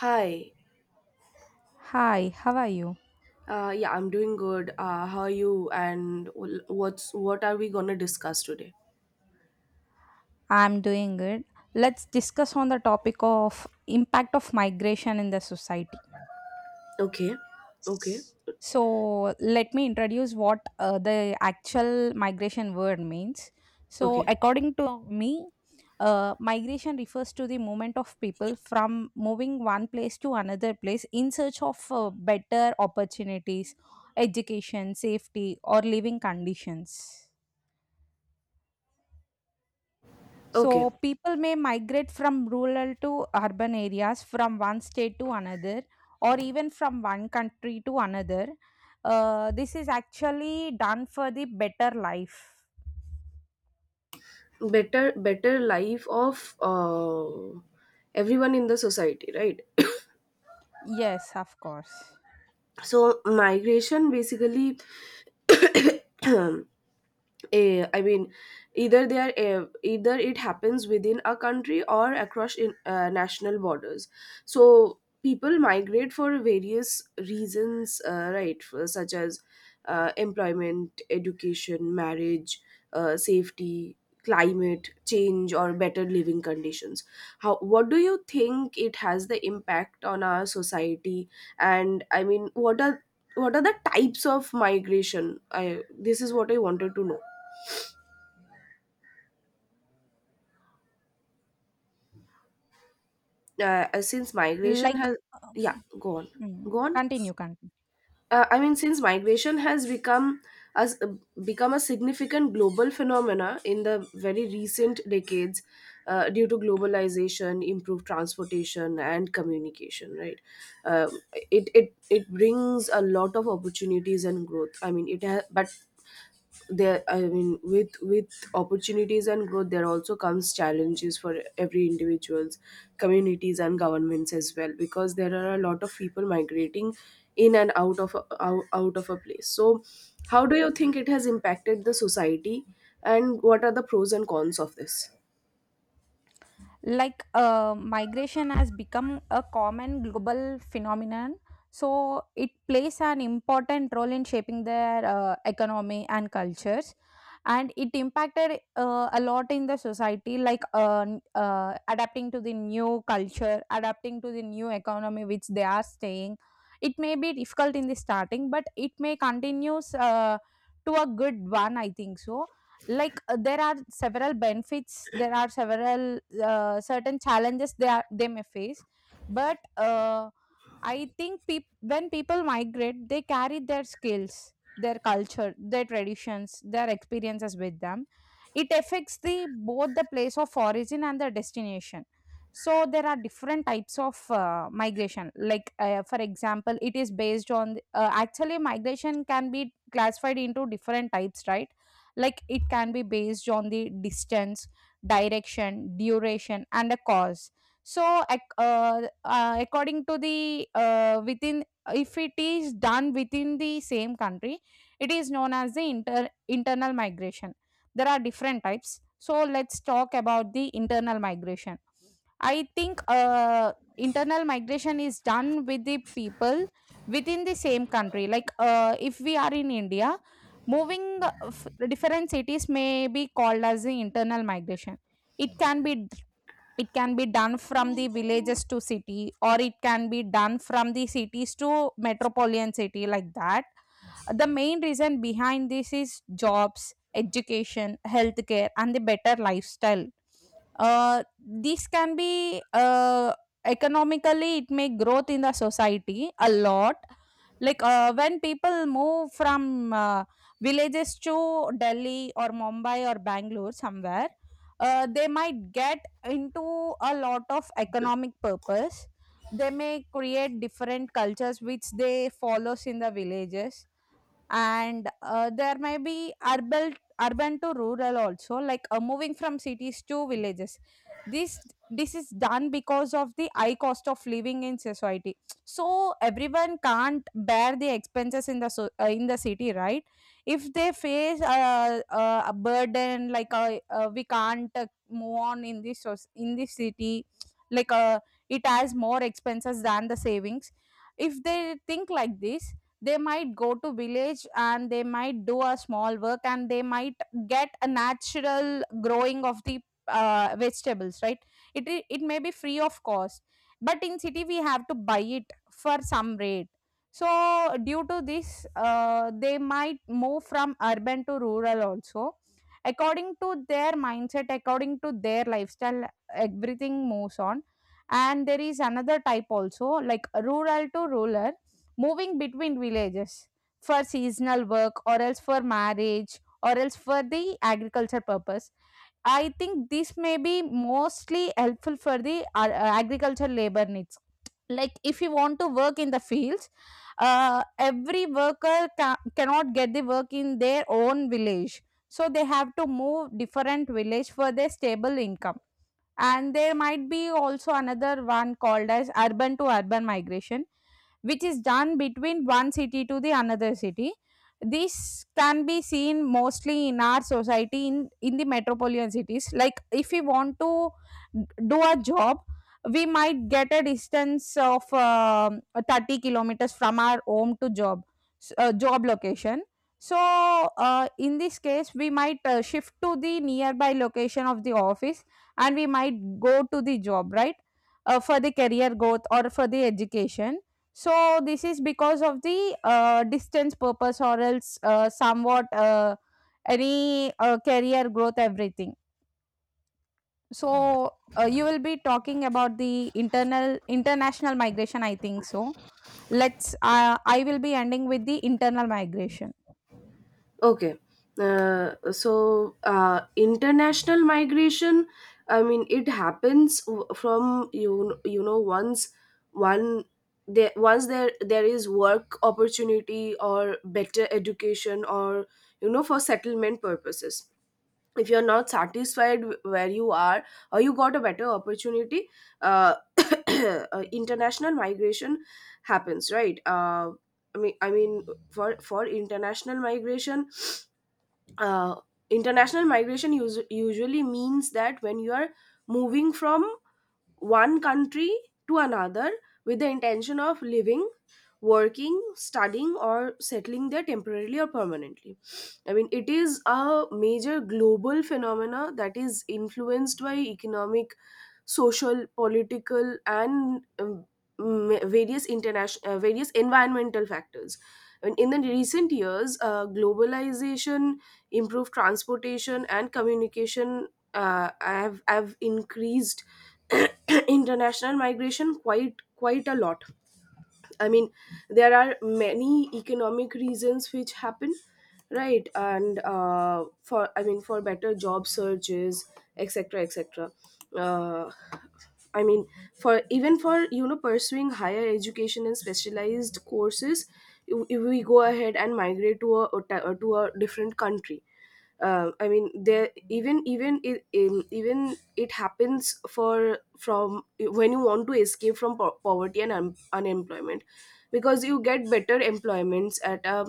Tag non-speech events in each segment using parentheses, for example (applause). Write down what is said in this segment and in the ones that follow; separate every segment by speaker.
Speaker 1: Hi.
Speaker 2: Hi, how are you?
Speaker 1: Yeah, I'm doing good. How are you? And what are we gonna discuss today?
Speaker 2: I'm doing good. Let's discuss on the topic of impact of migration in the society.
Speaker 1: Okay. Okay.
Speaker 2: So, let me introduce what the actual migration word means. So,
Speaker 1: Okay.
Speaker 2: according to me, migration refers to the movement of people from moving one place to another place in search of better opportunities, education, safety, or living conditions.
Speaker 1: Okay.
Speaker 2: So people may migrate from rural to urban areas, from one state to another, or even from one country to another. This is actually done for the better life.
Speaker 1: Better life of everyone in the society, right? (coughs)
Speaker 2: Yes, of course.
Speaker 1: So migration basically (coughs) I mean, either they are eh, either it happens within a country or across national borders. So people migrate for various reasons, right? For, such as employment, education, marriage, safety, climate change, or better living conditions. How? What do you think it has the impact on our society? And I mean, what are the types of migration? I This is what I wanted to know. Since migration
Speaker 2: Like,
Speaker 1: has
Speaker 2: um,
Speaker 1: Yeah, go on. Go on.
Speaker 2: continue, continue.
Speaker 1: Since migration has as become a significant global phenomena in the very recent decades, due to globalization, improved transportation, and communication, right? uh, it brings a lot of opportunities and growth. I mean, it has. But there, I mean, with opportunities and growth, there also comes challenges for every individuals, communities, and governments as well, because there are a lot of people migrating in and out of a place. So how do you think it has impacted the society, and what are the pros and cons of this?
Speaker 2: Like migration has become a common global phenomenon, so it plays an important role in shaping their economy and cultures. And it impacted a lot in the society, like adapting to the new culture, adapting to the new economy which they are staying. It may be difficult in the starting, but it may continues to a good one, I think so. Like there are several benefits, there are several certain challenges they may face. But I think when people migrate, they carry their skills, their culture, their traditions, their experiences with them. It affects the both the place of origin and the destination. So there are different types of migration, like for example, it is based on actually migration can be classified into different types, right? Like it can be based on the distance, direction, duration, and a cause. So, according to the within, if it is done within the same country, it is known as the internal migration. There are different types. So, let's talk about the internal migration. I think internal migration is done with the people within the same country. Like if we are in India, moving different cities may be called as the internal migration. It can be it can be done from the villages to city, or it can be done from the cities to metropolitan city, like that. The main reason behind this is jobs, education, healthcare, and the better lifestyle. uh, this can be Economically, it may growth in the society a lot. Like when people move from villages to Delhi or Mumbai or Bangalore somewhere, they might get into a lot of economic purpose. They may create different cultures which they follows in the villages. And there may be urban to rural also, like moving from cities to villages. this this is done because of the high cost of living in society. So everyone can't bear the expenses in the city, right? If they face a burden, like we can't move on in this in this city. Like it has more expenses than the savings. If they think like this, they might go to village and they might do a small work, and they might get a natural growing of the vegetables, right? it it may be free of cost, but in city we have to buy it for some rate. So due to this, they might move from urban to rural also, according to their mindset, according to their lifestyle, everything moves on. And there is another type also, like rural to rural, moving between villages for seasonal work or else for marriage or else for the agriculture purpose. I think this may be mostly helpful for the agriculture labor needs. Like if you want to work in the fields, every worker cannot get the work in their own village, so they have to move different village for their stable income. And there might be also another one called as urban to urban migration, which is done between one city to the another city. This can be seen mostly in our society in the metropolitan cities. Like if we want to do a job, we might get a distance of 30 kilometers from our home to job location. So in this case, we might shift to the nearby location of the office, and we might go to the job, right? For the career growth or for the education. So this is because of the distance purpose, or else somewhat any career growth, everything. So you will be talking about the internal international migration, I think so. Let's I will be ending with the internal migration.
Speaker 1: Okay. So international migration, I mean, it happens from, one once there is work opportunity or better education, or you know for settlement purposes. If you're not satisfied where you are, or you got a better opportunity, uh, (coughs) (clears throat) international migration happens, right? I mean, for international migration, uh, international migration usually means that when you are moving from one country to another with the intention of living, working, studying, or settling there temporarily or permanently. I mean, it is a major global phenomena that is influenced by economic, social, political, and various environmental factors. And in the recent years, globalization, improved transportation, and communication have increased (clears throat) international migration quite a lot. I mean, there are many economic reasons which happen, right? And for, I mean, for better job searches, etc., etc. Uh, I mean, for, even for, you know, pursuing higher education and specialized courses, if we go ahead and migrate to a different country. I mean, there even it happens for from when you want to escape from poverty and unemployment, because you get better employments at a,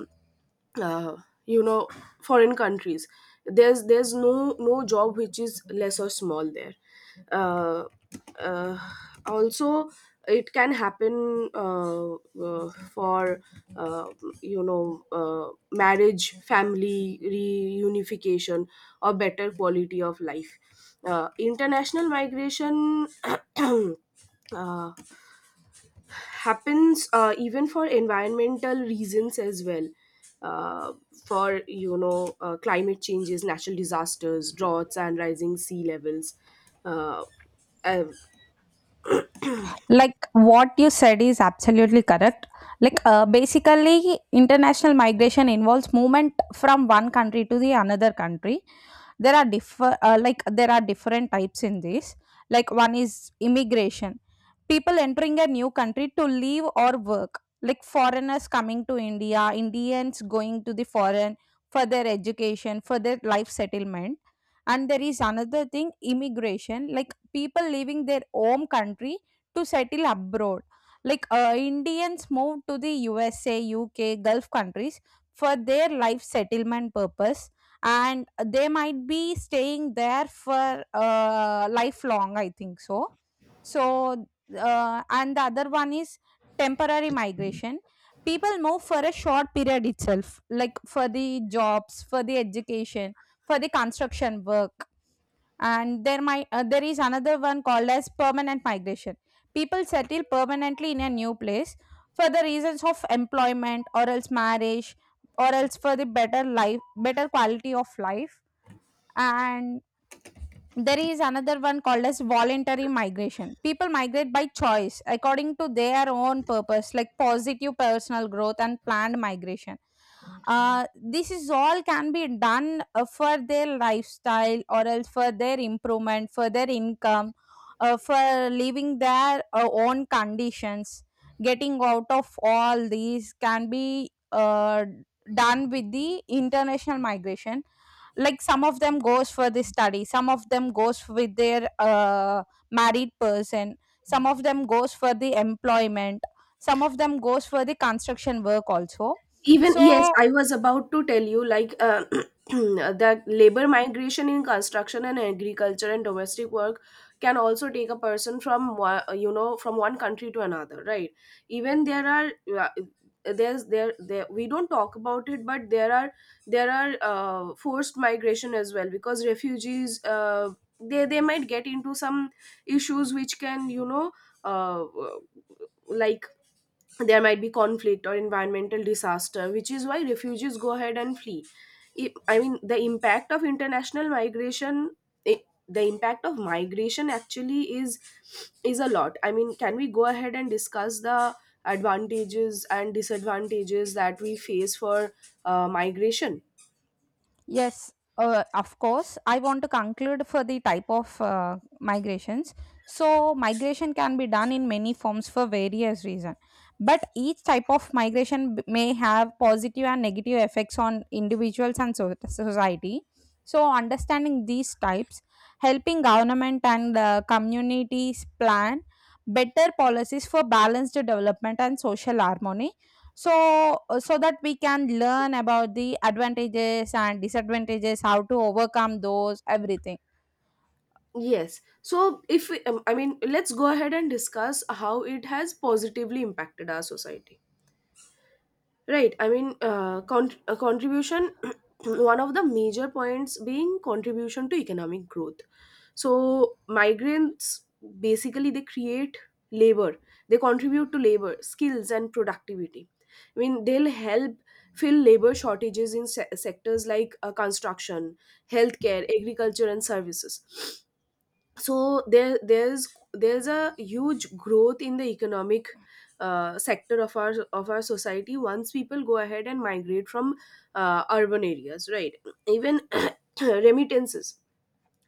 Speaker 1: uh, you know, foreign countries. There's no job which is less or small there. uh, uh, Also, it can happen for, uh, you know, marriage, family reunification, or better quality of life. International migration (clears throat) uh, happens even for environmental reasons as well, uh, for, you know, climate changes, natural disasters, droughts, and rising sea levels. uh, uh,
Speaker 2: Like what you said is absolutely correct. Like basically international migration involves movement from one country to the another country. There are different types in this. Like one is immigration, people entering a new country to live or work, like foreigners coming to India, Indians going to the foreign for their education, for their life settlement. And there is another thing, immigration, like people leaving their home country to settle abroad. Like Indians moved to the USA, UK, Gulf countries for their life settlement purpose, and they might be staying there for lifelong. I think so. So, and the other one is temporary migration. People move for a short period itself, like for the jobs, for the education, for the construction work. And there might There is another one called as permanent migration, people settle permanently in a new place for the reasons of employment or else marriage or else for the better life, better quality of life. And there is another one called as voluntary migration. People migrate by choice according to their own purpose, like positive personal growth and planned migration. This is all can be done for their lifestyle or else for their improvement, for their income, for living their own conditions. Getting out of all these can be done with the international migration, like some of them goes for the study, some of them goes with their married person, some of them goes for the employment, some of them goes for the construction work also.
Speaker 1: Even, yes,
Speaker 2: So
Speaker 1: I was about to tell you, like, (clears throat) that labor migration in construction and agriculture and domestic work can also take a person from you know from one country to another, right? Even there are, uh, there, we don't talk about it, but there are forced migration as well, because refugees, they might get into some issues which can, you know, uh, like, there might be conflict or environmental disaster, which is why refugees go ahead and flee. I mean, the impact of international migration, i- the impact of migration actually is a lot. I mean, can we go ahead and discuss the advantages and disadvantages that we face for, migration?
Speaker 2: yes, of course. I want to conclude for the type of migrations. So, migration can be done in many forms for various reasons, but each type of migration may have positive and negative effects on individuals and society. So, understanding these types, helping government and communities plan better policies for balanced development and social harmony, so that we can learn about the advantages and disadvantages, how to overcome those, everything.
Speaker 1: Yes. So, if we, I mean, let's go ahead and discuss how it has positively impacted our society. Right. I mean, contribution, (clears throat) one of the major points being contribution to economic growth. So, migrants basically they create labor, they contribute to labor, skills, and productivity. I mean, they'll help fill labor shortages in sectors like, construction, healthcare, agriculture, and services. So there's a huge growth in the economic, sector of our society once people go ahead and migrate from urban areas, right? Even (clears throat) remittances,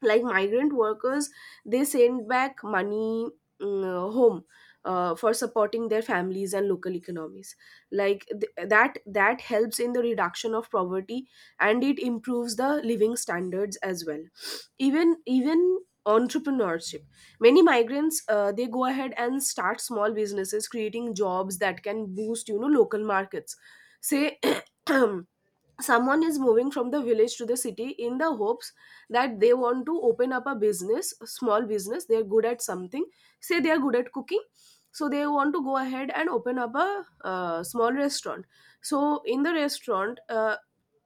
Speaker 1: like migrant workers, they send back money, home, for supporting their families and local economies. Like that helps in the reduction of poverty, and it improves the living standards as well. Even entrepreneurship, many migrants, they go ahead and start small businesses, creating jobs that can boost, you know, local markets. Say (clears throat) someone is moving from the village to the city in the hopes that they want to open up a business, a small business. They're good at something. Say they are good at cooking, so they want to go ahead and open up a, small restaurant. So in the restaurant,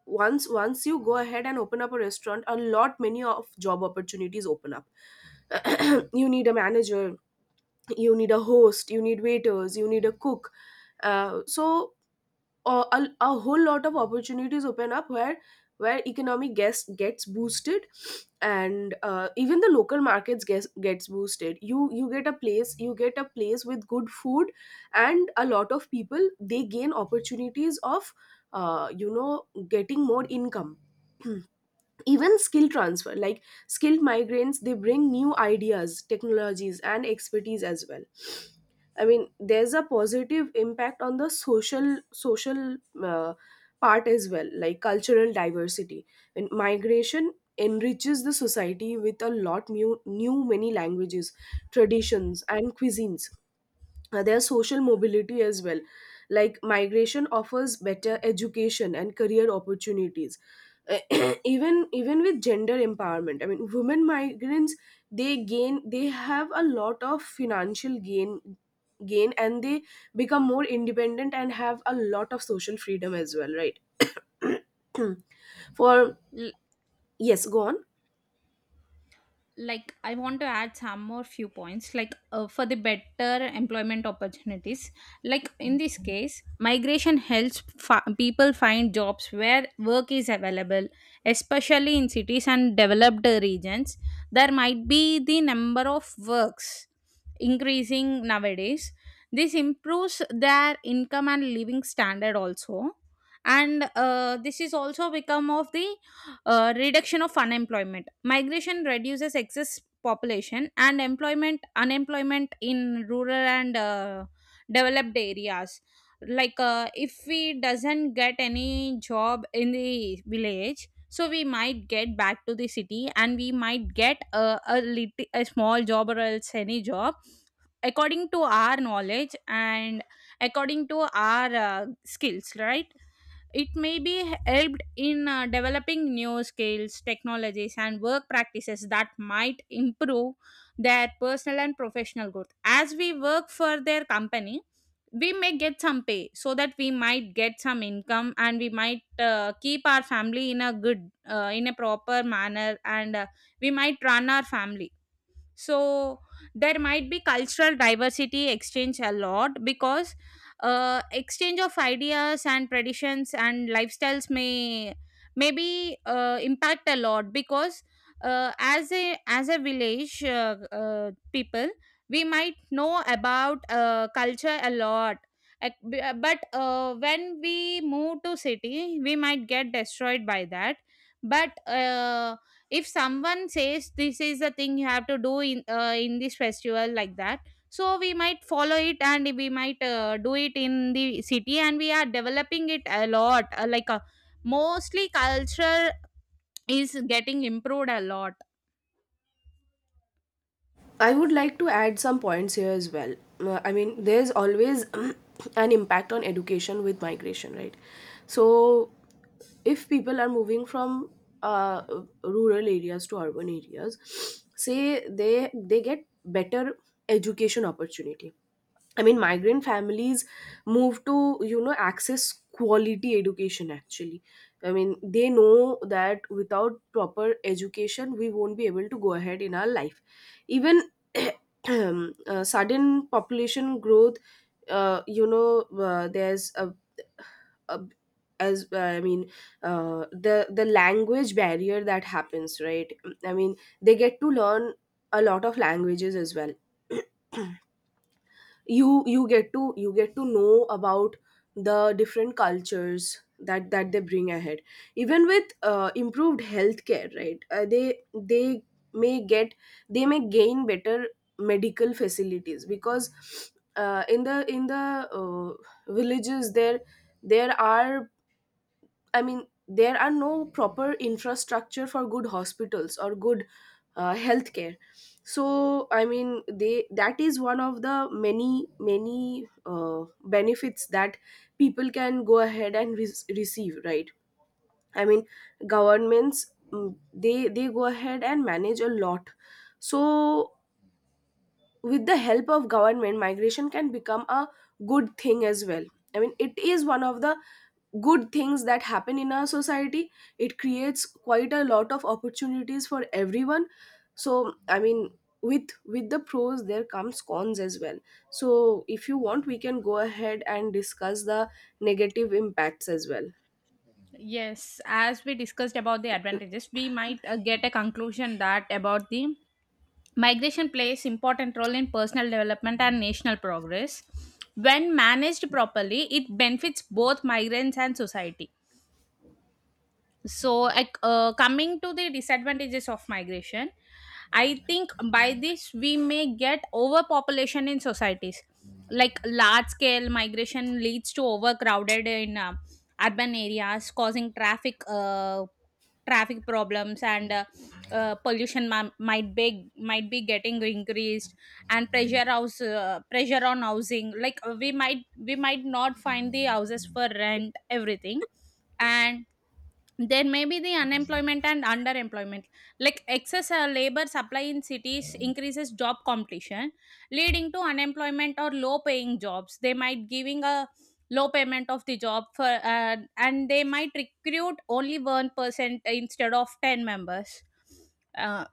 Speaker 1: once you go ahead and open up a restaurant, a lot many of job opportunities open up. (clears throat) You need a manager, you need a host, you need waiters, you need a cook. uh, so a a, whole lot of opportunities open up, where economic guess gets boosted. And even the local markets gets boosted. You get a place, you get a place with good food. And a lot of people, they gain opportunities of, you know, getting more income. (clears throat) Even skill transfer, like skilled migrants, they bring new ideas, technologies, and expertise as well. I mean, there's a positive impact on the social, uh, part as well, like cultural diversity. And migration enriches the society with a lot, new many languages, traditions, and cuisines. Their social mobility as well. Like migration offers better education and career opportunities. (clears throat) Even with gender empowerment, I mean, women migrants, they have a lot of financial gain, and they become more independent, and have a lot of social freedom as well, right? For.
Speaker 2: L-
Speaker 1: Yes, go on.
Speaker 2: like I want to add some more few points, like for the better employment opportunities, like in this case migration helps people find jobs where work is available, especially in cities and developed regions. There might be the number of works increasing nowadays. This improves their income and living standard also. And this is also become of the reduction of unemployment. Migration reduces excess population and employment unemployment in rural and developed areas. Like if we doesn't get any job in the village, so we might get back to the city and we might get a small job or else any job, according to our knowledge and according to our skills, right? It may be helped in developing new skills, technologies, and work practices that might improve their personal and professional growth, as we work for their company, we may get some pay so that we might get some income, and we might keep our family in a good in a proper manner, and we might run our family. So there might be cultural diversity exchange a lot, because exchange of ideas and traditions and lifestyles maybe impact a lot, because as a village people, we might know about culture a lot. But when we move to city, we might get destroyed by that. But if someone says this is the thing you have to do in this festival, like that, so we might follow it and we might do it in the city, and we are developing it a lot, like mostly culture is getting improved a lot.
Speaker 1: I would like to add some points here as well. I mean, there's always (clears throat) an impact on education with migration, right? So, if people are moving from, uh, rural areas to urban areas, (sniffs) say they get better education opportunity. I mean, migrant families move to, you know, access quality education actually. I mean, they know that without proper education, we won't be able to go ahead in our life. Even (coughs) (clears throat) sudden population growth. You know, there's a as, I mean, the language barrier that happens, right? I mean, they get to learn a lot of languages as well. (coughs) (clears throat) You get to know about the different cultures that they bring ahead. Even with, improved healthcare, right? May get they may gain better medical facilities, because in the villages, there are I mean, there are no proper infrastructure for good hospitals or good, healthcare. So I mean, they that is one of the many benefits that people can go ahead and receive, right? I mean, governments, they go ahead and manage a lot. So with the help of government, migration can become a good thing as well. I mean, it is one of the good things that happen in our society. It creates quite a lot of opportunities for everyone. So I mean, with with the pros, there comes cons as well. So if you want, we can go ahead and discuss the negative impacts as well.
Speaker 2: Yes, as we discussed about the advantages, we might get a conclusion that about the migration plays important role in personal development and national progress. When managed properly, it benefits both migrants and society. So like coming to the disadvantages of migration, I think by this we may get overpopulation in societies, like large scale migration leads to overcrowded in urban areas, causing traffic problems, and pollution might be getting increased, and pressure on housing, like we might not find the houses for rent, everything. And there may be the unemployment and underemployment. Like excess labor supply in cities increases job competition, leading to unemployment or low paying jobs. They might giving a low payment of the job for and they might recruit only one person instead of 10 members. Uh,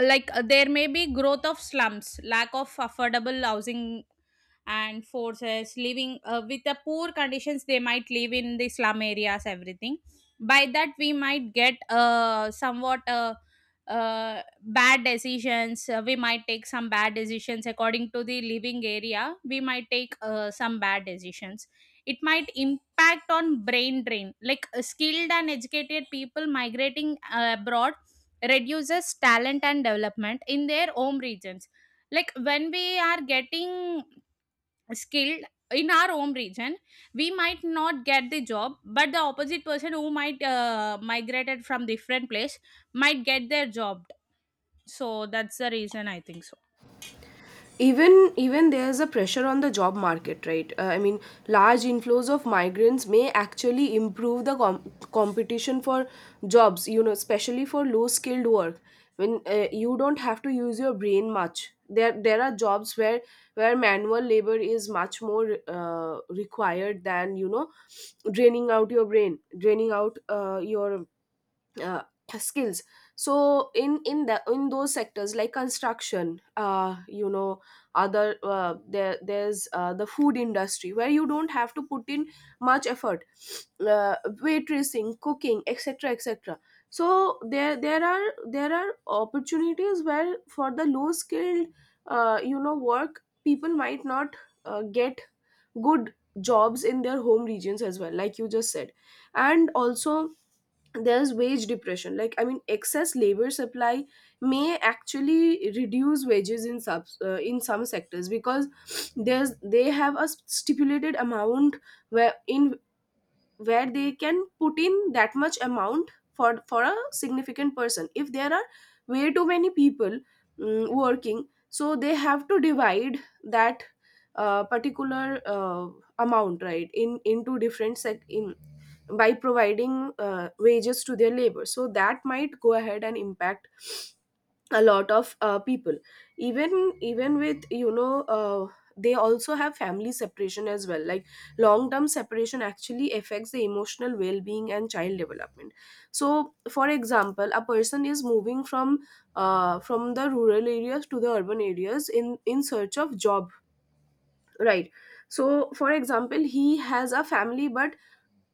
Speaker 2: like there may be growth of slums, lack of affordable housing and forces living with the poor conditions, they might live in the slum areas, everything. By that we might get somewhat bad decisions we might take some bad decisions, according to the living area, we might take some bad decisions. It might impact on brain drain, like skilled and educated people migrating abroad reduces talent and development in their home regions. Like when we are getting skilled in our home region, we might not get the job, but the opposite person who might migrated from different place might get their job. So that's the reason, I think so.
Speaker 1: Even there's a pressure on the job market, right? I mean, large inflows of migrants may actually improve the competition for jobs, you know, especially for low skilled work. When you don't have to use your brain much, there are jobs where manual labor is much more, required than, you know, draining out your brain, draining out, your uh, skills. So in those sectors like construction, you know, other, there's, the food industry, where you don't have to put in much effort. uh, Waitressing, cooking, etc, etc. So there are opportunities where, for the low skilled, you know, work, people might not, get good jobs in their home regions as well, like you just said. And also, there's wage depression, like, I mean, excess labor supply may actually reduce wages in subs in some sectors, because there's they have a stipulated amount, where in where they can put in that much amount for, a significant person, if there are way too many people, working, so they have to Divide that particular amount, right, in into different sec in by providing wages to their labor, so that might go ahead and impact a lot of people, even with you know they also have family separation as well, like long term separation actually affects the emotional well being and child development. So for example, a person is moving from the rural areas to the urban areas in search of job, right? So for example, he has a family but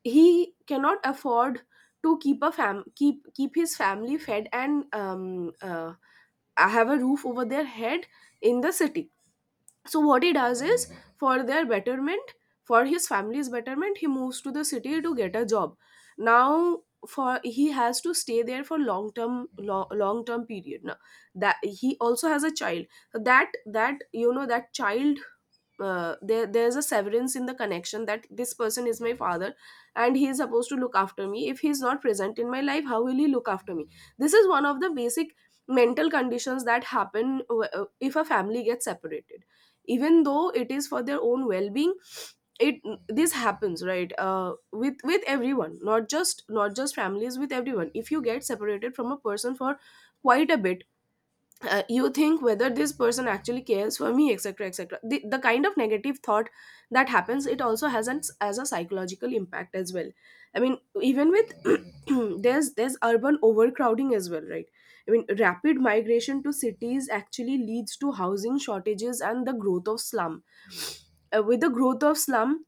Speaker 1: he cannot afford to keep his family fed and have a roof over their head in the city. So what he does is for their betterment, for his family's betterment, he moves to the city to get a job. Now, for he has to stay there for long term period. Now that he also has a child, so that that child, there's a severance in the connection that this person is my father and he is supposed to look after me. If he is not present in my life, how will he look after me? This is one of the basic mental conditions that happen if a family gets separated, even though it is for their own well-being. It, this happens right with everyone not just not just families, with everyone, if you get separated from a person for quite a bit, you think whether this person actually cares for me, etc etc. The kind of negative thought that happens, it also has an as a psychological impact as well. I mean, even with (clears throat) there's urban overcrowding as well, right? I mean, rapid migration to cities actually leads to housing shortages and the growth of slum. With the growth of slum,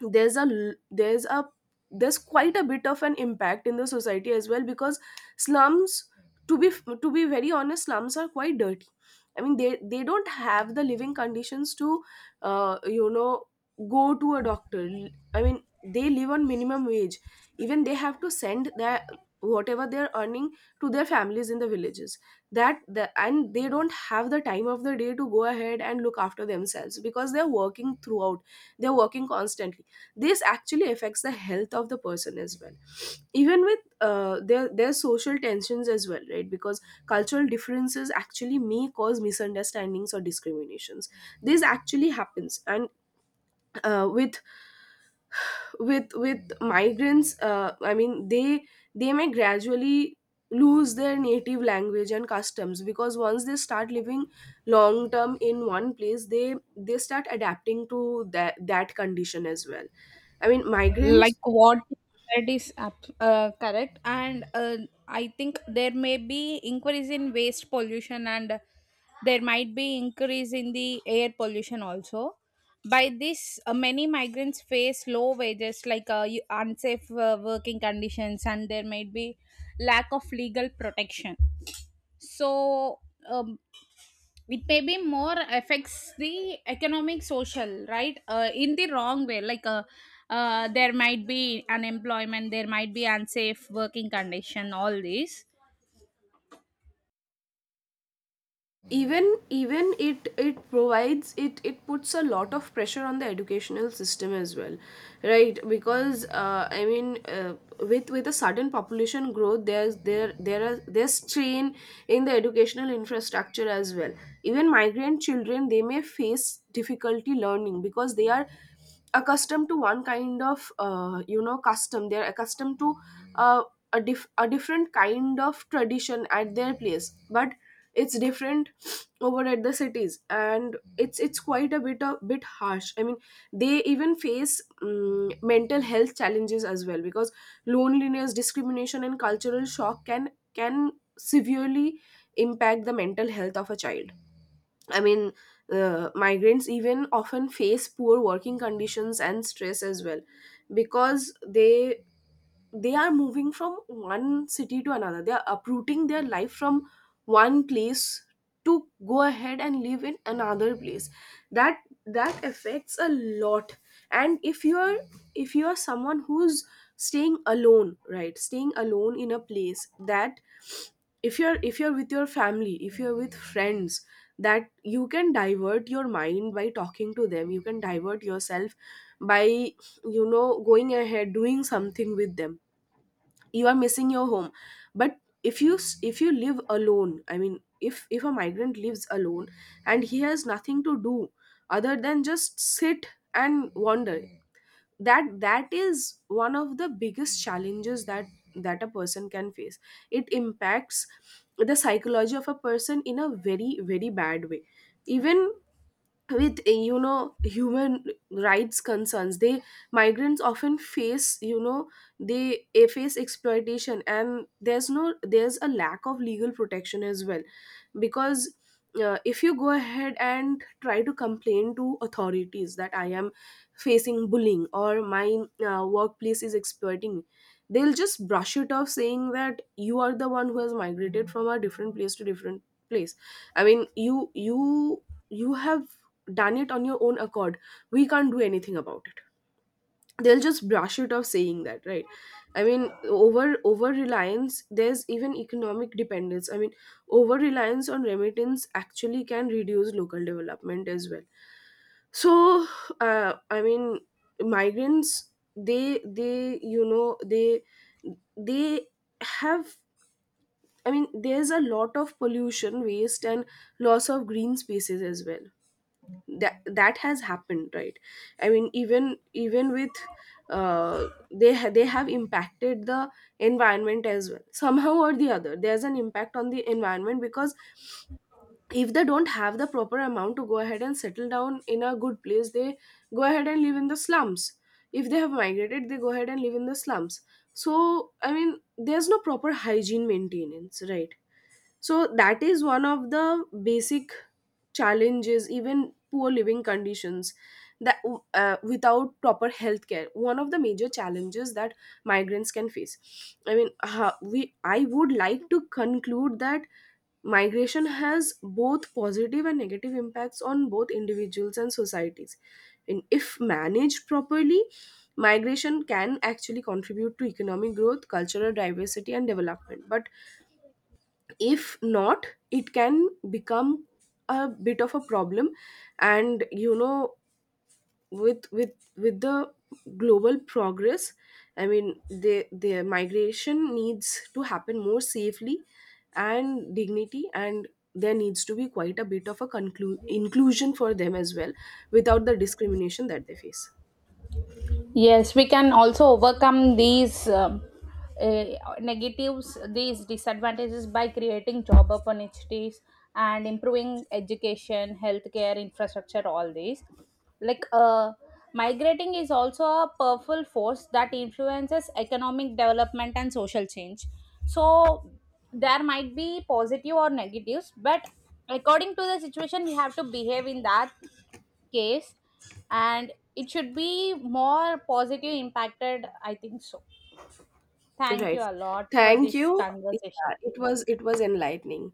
Speaker 1: there's a l- there's a there's quite a bit of an impact in the society as well because slums, to be very honest, slums are quite dirty. I mean, they don't have the living conditions to you know, go to a doctor. I mean, they live on minimum wage. Even they have to send their, whatever they're earning, to their families in the villages. And they don't have the time of the day to go ahead and look after themselves because they're working throughout, they're working constantly. This actually affects the health of the person as well. Even with their social tensions as well, right? Because cultural differences actually may cause misunderstandings or discriminations. This actually happens. And with with migrants, I mean, they may gradually lose their native language and customs because once they start living long term in one place, they start adapting to that condition as well. I mean, migrants,
Speaker 2: Like what you said is correct, and I think there may be increase in waste pollution, and there might be increase in the air pollution also. By this many migrants face low wages, like unsafe working conditions, and there might be lack of legal protection. So um, it may be more affects the economic social, right? In the wrong way, like there might be unemployment, there might be unsafe working condition, all these.
Speaker 1: even even it it provides it it puts a lot of pressure on the educational system as well, right? Because I mean, with a sudden population growth, there's strain in the educational infrastructure as well. Even migrant children, they may face difficulty learning because they are accustomed to one kind of you know, custom. They're accustomed to uh, a different kind of tradition at their place, but it's different over at the cities, and it's it's quite a bit harsh. I mean, they even face mental health challenges as well because loneliness, discrimination and cultural shock can severely impact the mental health of a child. I mean, migrants even often face poor working conditions and stress as well because they are moving from one city to another. They are uprooting their life from one place to go ahead and live in another place. That, that affects a lot. And if you're, if you're someone who's staying alone, right, staying alone in a place, that if you're, if you're with your family, if you're with friends, that you can divert your mind by talking to them, you can divert yourself by you know, going ahead doing something with them. You are missing your home. But if you if you live alone, I mean, if a migrant lives alone and he has nothing to do other than just sit and wander, that is one of the biggest challenges that, that a person can face. It impacts the psychology of a person in a very very bad way. Even with you know, human rights concerns, they, migrants often face, you know, they face exploitation and there's no there's a lack of legal protection as well because if you go ahead and try to complain to authorities that I am facing bullying or my workplace is exploiting me, they'll just brush it off saying that you are the one who has migrated from a different place to different place. I mean, you have done it on your own accord, we can't do anything about it. They'll just brush it off saying that, right? I mean, over over reliance there's even economic dependence, I mean, over reliance on remittance actually can reduce local development as well. So I mean, migrants, they, they have, I mean, there's a lot of pollution, waste and loss of green spaces as well. That has happened, right? I mean, even with uh, they have impacted the environment as well, somehow or the other there's an impact on the environment because if they don't have the proper amount to go ahead and settle down in a good place, they go ahead and live in the slums. If they have migrated, they go ahead and live in the slums. So I mean, there's no proper hygiene maintenance, right? So that is one of the basic challenges, even poor living conditions that without proper health care. One of the major challenges that migrants can face. I mean, we I would like to conclude that migration has both positive and negative impacts on both individuals and societies. And if managed properly, migration can actually contribute to economic growth, cultural diversity, and development. But if not, it can become a bit of a problem. And you know, with with the global progress, I mean, the migration needs to happen more safely and dignity, and there needs to be quite a bit of a inclusion for them as well, without the discrimination that they face.
Speaker 2: Yes, we can also overcome these uh, negatives, these disadvantages by creating job opportunities and improving education, healthcare, infrastructure, all these. Like migrating is also a powerful force that influences economic development and social change. So there might be positive or negatives, but according to the situation, we have to behave in that case, and it should be more positive impacted, I think so. Thank you
Speaker 1: Right.
Speaker 2: a lot for
Speaker 1: Thank
Speaker 2: this
Speaker 1: you.
Speaker 2: conversation.
Speaker 1: Yeah, it was, it was enlightening.